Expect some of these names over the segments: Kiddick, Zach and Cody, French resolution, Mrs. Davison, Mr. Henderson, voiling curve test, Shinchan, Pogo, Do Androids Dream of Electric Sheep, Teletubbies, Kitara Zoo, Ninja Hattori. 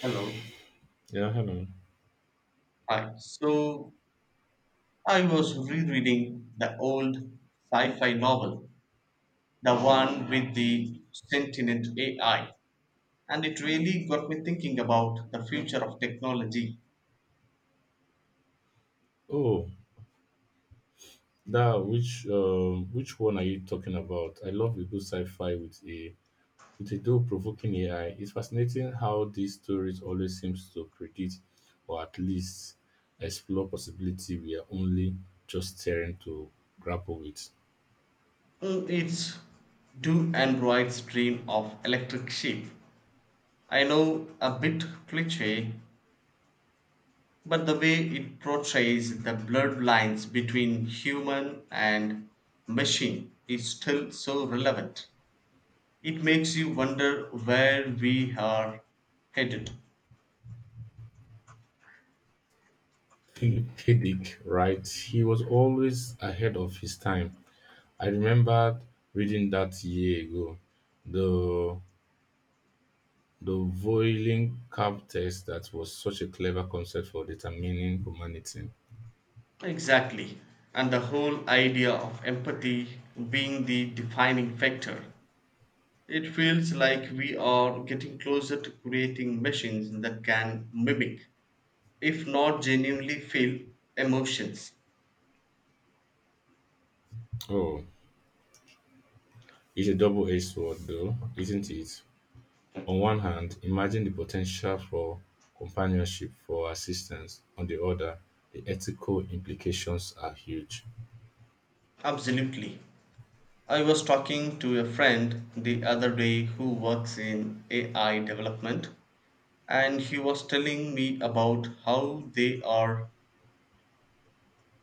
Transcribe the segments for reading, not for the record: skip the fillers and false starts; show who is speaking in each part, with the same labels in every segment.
Speaker 1: Hello.
Speaker 2: Yeah, hello.
Speaker 1: Hi. I was rereading the old sci-fi novel, the one with the sentient AI, and it really got me thinking about the future of technology.
Speaker 2: Oh, that which one are you talking about? I love a good sci-fi with a thought-provoking AI. It's fascinating how these stories always seems to predict, or at least, explore possibility we are only just staring to grapple with.
Speaker 1: It's do androids dream of electric sheep? I know a bit cliche, but the way it portrays the blurred lines between human and machine is still so relevant. It makes you wonder where we are headed.
Speaker 2: Kiddick, right? He was always ahead of his time. I remembered reading that year ago. The The voiling curve test that was such a clever concept for determining humanity.
Speaker 1: Exactly. And the whole idea of empathy being the defining factor. It feels like we are getting closer to creating machines that can mimic, if not genuinely feel, emotions.
Speaker 2: Oh, it's a double-edged sword though, isn't it? On one hand, imagine the potential for companionship, for assistance. On the other, the ethical implications are huge.
Speaker 1: Absolutely. I was talking to a friend the other day who works in AI development, and he was telling me about how they are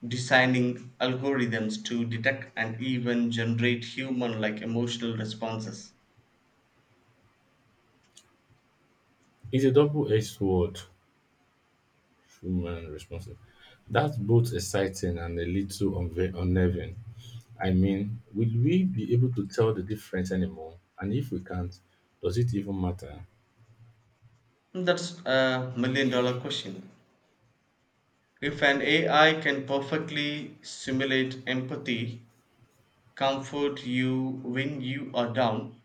Speaker 1: designing algorithms to detect and even generate human like emotional responses.
Speaker 2: It's a double-edged sword, human responsibility. That's both exciting and a little unnerving. I mean, will we be able to tell the difference anymore? And if we can't, does it even matter?
Speaker 1: That's a million dollar question. If an AI can perfectly simulate empathy, comfort you when you are down,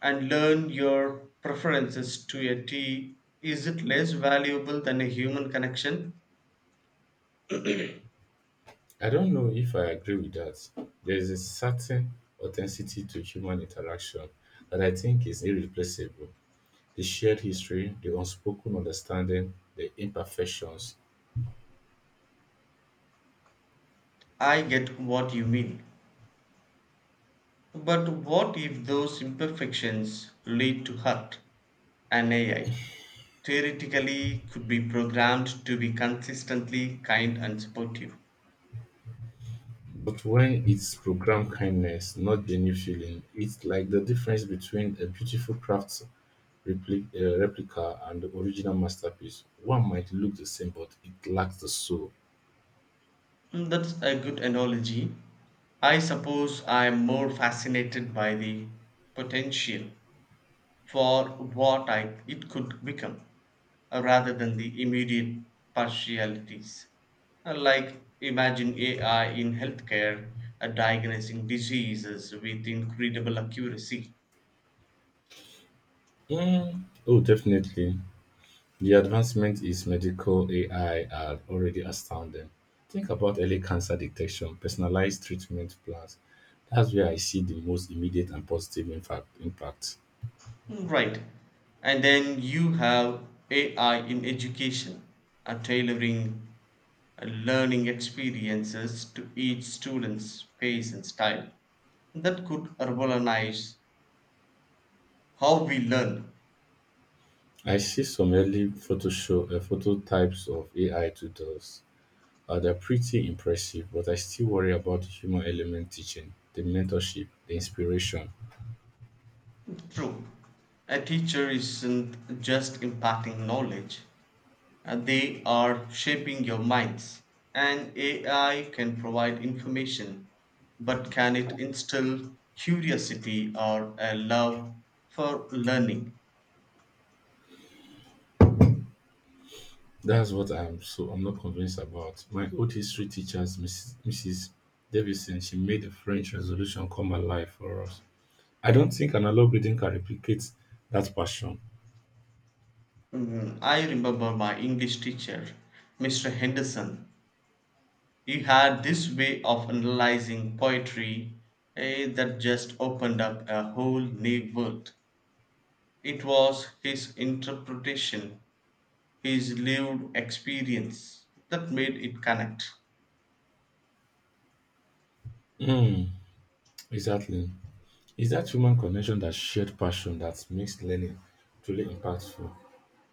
Speaker 1: and learn your preferences to a T, is it less valuable than a human connection?
Speaker 2: I don't know if I agree with that. There is a certain authenticity to human interaction that I think is irreplaceable. The shared history, the unspoken understanding, the imperfections.
Speaker 1: I get what you mean. But what if those imperfections lead to hurt? An AI theoretically could be programmed to be consistently kind and supportive.
Speaker 2: But when it's programmed kindness, not genuine feeling, it's like the difference between a beautiful craft replica and the original masterpiece. One might look the same, but it lacks the soul.
Speaker 1: That's a good analogy. I suppose I'm more fascinated by the potential for what I, it could become rather than the immediate partialities. Like imagine AI in healthcare, diagnosing diseases with incredible accuracy.
Speaker 2: Mm, oh, definitely. The advancement is medical AI are already astounding. Think about early cancer detection, personalized treatment plans. That's where I see the most immediate and positive impact.
Speaker 1: Right. And then you have AI in education and tailoring learning experiences to each student's pace and style. That could urbanize how we learn.
Speaker 2: I see some early photo show, photo types of AI tutors. They're pretty impressive, but I still worry about the human element teaching, the mentorship, the inspiration.
Speaker 1: True. A teacher isn't just imparting knowledge. They are shaping your minds. And AI can provide information, but can it instill curiosity or a love for learning?
Speaker 2: That's what I'm not convinced about. My old history teacher, Mrs. Davison, she made the French resolution come alive for us. I don't think analog reading can replicate that passion.
Speaker 1: Mhm. I remember my English teacher, Mr. Henderson. He had this way of analyzing poetry, that just opened up a whole new world. It was his interpretation, his lived experience that made it connect.
Speaker 2: Mm, exactly. It's that human connection, that shared passion that makes learning truly impactful.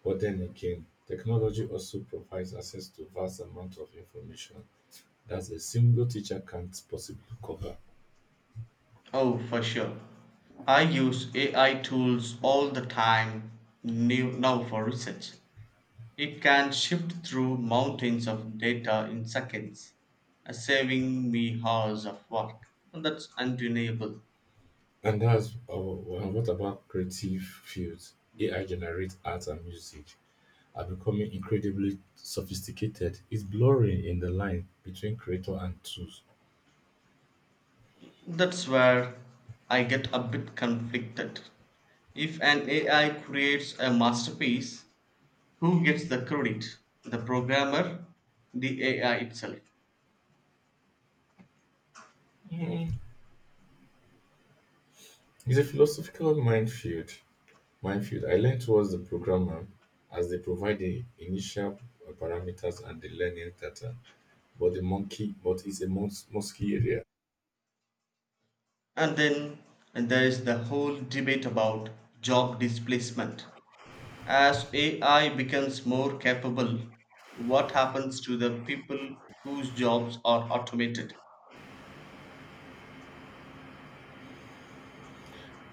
Speaker 2: But then again, technology also provides access to vast amount of information that a single teacher can't possibly cover.
Speaker 1: Oh, for sure. I use AI tools all the time now for research. It can shift through mountains of data in seconds, saving me hours of work. And that's undeniable.
Speaker 2: And what about creative fields? AI generates art and music are becoming incredibly sophisticated. It's blurring in the line between creator and tools.
Speaker 1: That's where I get a bit conflicted. If an AI creates a masterpiece, who gets the credit? The programmer? The AI itself?
Speaker 2: Mm. It's a philosophical minefield. I learn towards the programmer as they provide the initial parameters and the learning data, but it's a mosky area.
Speaker 1: And then there is the whole debate about job displacement. As AI becomes more capable, what happens to the people whose jobs are automated?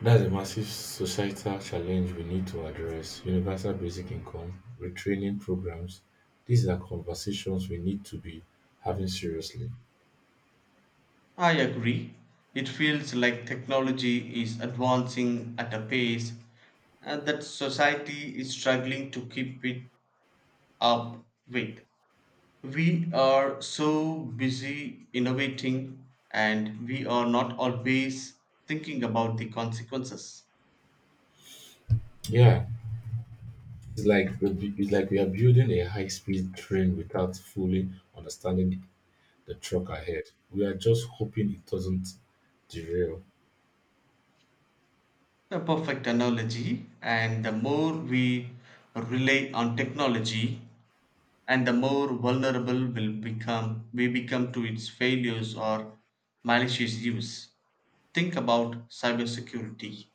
Speaker 2: That's a massive societal challenge we need to address. Universal basic income, retraining programs, these are conversations we need to be having seriously.
Speaker 1: I agree. It feels like technology is advancing at a pace and that society is struggling to keep it up with. We are so busy innovating and we are not always thinking about the consequences.
Speaker 2: Yeah, it's like we are building a high-speed train without fully understanding the truck ahead. We are just hoping it doesn't derail.
Speaker 1: A perfect analogy, and the more we rely on technology, and the more vulnerable will become we become to its failures or malicious use. Think about cybersecurity.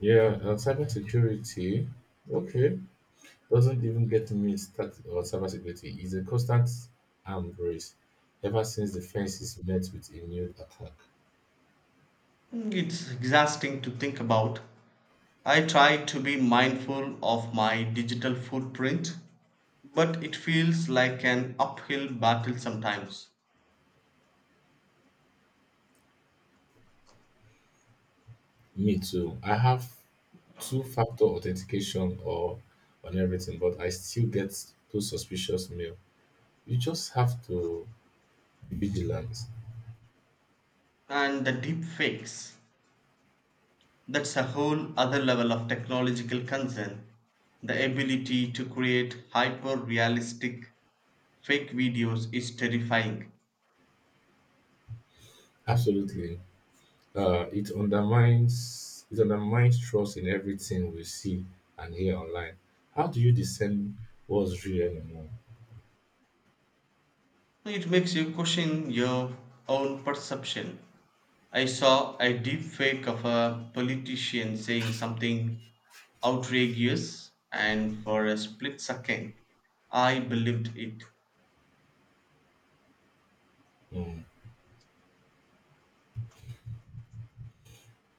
Speaker 2: Yeah, and cybersecurity. Okay, doesn't even get me started on cybersecurity. It's a constant arm race ever since the fences met with a new attack.
Speaker 1: It's exhausting to think about. I try to be mindful of my digital footprint, but it feels like an uphill battle sometimes.
Speaker 2: Me too. I have two-factor authentication or on everything, but I still get those suspicious mail. You just have to be vigilant.
Speaker 1: And the deep fakes, that's a whole other level of technological concern. The ability to create hyper realistic fake videos is terrifying.
Speaker 2: Absolutely. It undermines trust in everything we see and hear online. How do you discern what's real
Speaker 1: It makes you question your own perception. I saw a deep fake of a politician saying something outrageous, and for a split second, I believed it.
Speaker 2: anymore?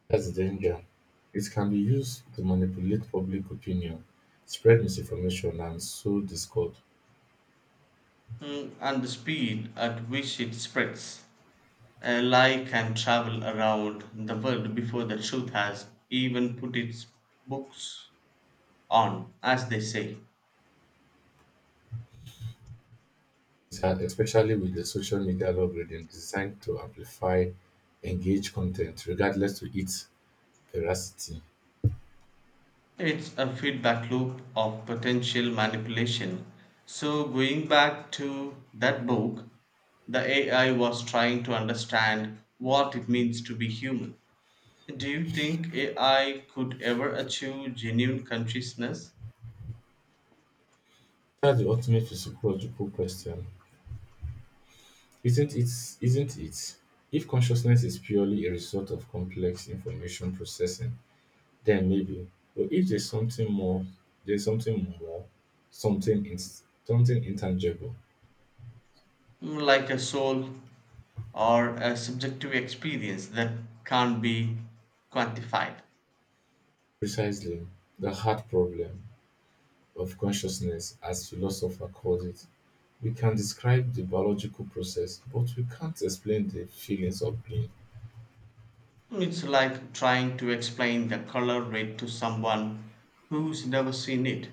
Speaker 2: That's the danger. It can be used to manipulate public opinion, spread misinformation, and sow discord,
Speaker 1: And the speed at which it spreads. A lie can travel around the world before the truth has even put its books on, as they say.
Speaker 2: especially with the social media algorithm designed to amplify engaged content regardless to its veracity.
Speaker 1: It's a feedback loop of potential manipulation. So, going back to that book, the AI was trying to understand what it means to be human. Do you think AI could ever achieve genuine consciousness,
Speaker 2: That's the ultimate psychological question. Isn't it? Isn't it? If consciousness is purely a result of complex information processing, then maybe. But if there's something more, something intangible.
Speaker 1: Like a soul or a subjective experience that can't be quantified?
Speaker 2: Precisely, the hard problem of consciousness, as philosopher called it. We can describe the biological process, but we can't explain the feelings of being.
Speaker 1: It's like trying to explain the color red to someone who's never seen it.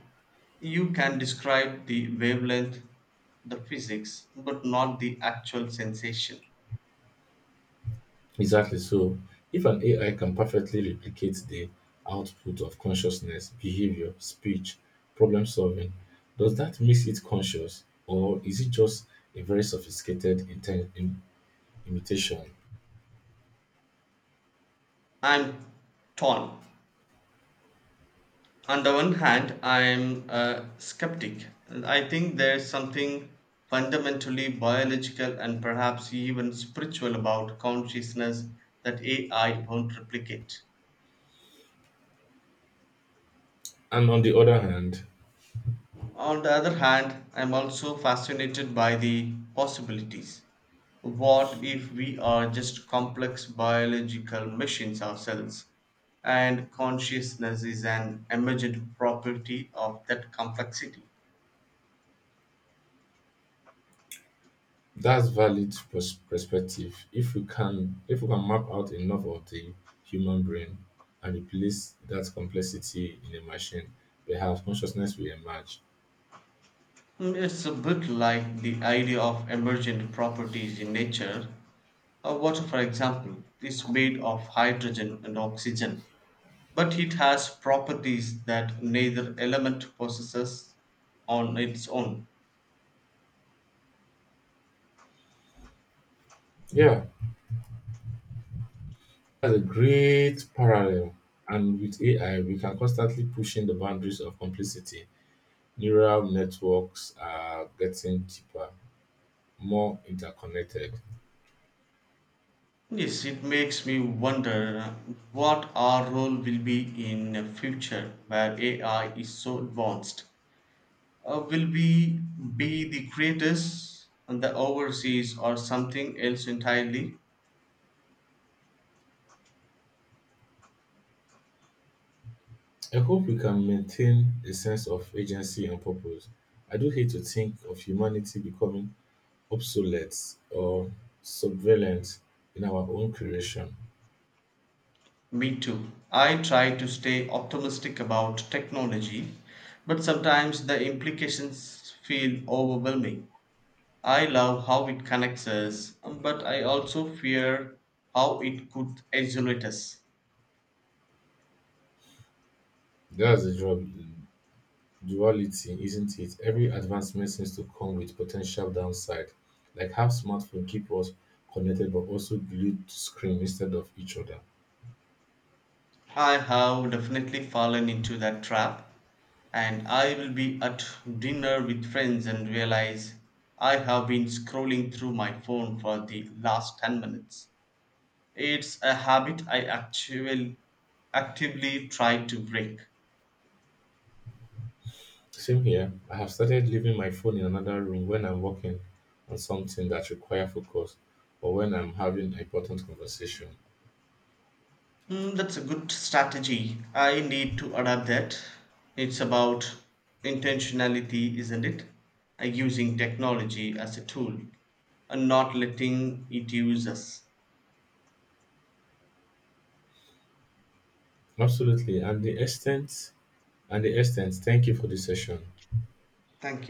Speaker 1: You can describe the wavelength, the physics, but not the actual sensation.
Speaker 2: Exactly. So, if an AI can perfectly replicate the output of consciousness, behavior, speech, problem solving, does that make it conscious, or is it just a very sophisticated imitation?
Speaker 1: I'm torn. On the one hand, I'm a skeptic. I think there's something fundamentally biological and perhaps even spiritual about consciousness that AI won't replicate.
Speaker 2: And on the other hand,
Speaker 1: On the other hand, I am also fascinated by the possibilities. What if we are just complex biological machines ourselves, and consciousness is an emergent property of that complexity?
Speaker 2: that's valid perspective. If we can map out enough of the human brain and replace that complexity in a machine, perhaps consciousness will emerge.
Speaker 1: It's a bit like the idea of emergent properties in nature. Water, for example, is made of hydrogen and oxygen, but it has properties that neither element possesses on its own.
Speaker 2: Yeah, that's a great parallel. And with AI, we can constantly push in the boundaries of complexity. Neural networks are getting cheaper, more interconnected.
Speaker 1: Yes, it makes me wonder what our role will be in a future where AI is so advanced. Will we be the creators and the overseas or something else entirely?
Speaker 2: I hope we can maintain a sense of agency and purpose. I do hate to think of humanity becoming obsolete or subvalent in our own creation.
Speaker 1: Me too. I try to stay optimistic about technology, but sometimes the implications feel overwhelming. I love how it connects us, but I also fear how it could isolate us.
Speaker 2: That's the duality, isn't it? Every advancement seems to come with potential downside, like how smartphones keep us connected but also glued to screen instead of each other.
Speaker 1: I have definitely fallen into that trap, and I will be at dinner with friends and realize I have been scrolling through my phone for the last 10 minutes. It's a habit I actually actively try to break.
Speaker 2: Same here, I have started leaving my phone in another room when I'm working on something that requires focus, or when I'm having an important conversation.
Speaker 1: That's a good strategy. I need to adapt that. It's about intentionality, isn't it? Using technology as a tool and not letting it use us.
Speaker 2: Absolutely, and the extent thank you for this session.
Speaker 1: Thank you.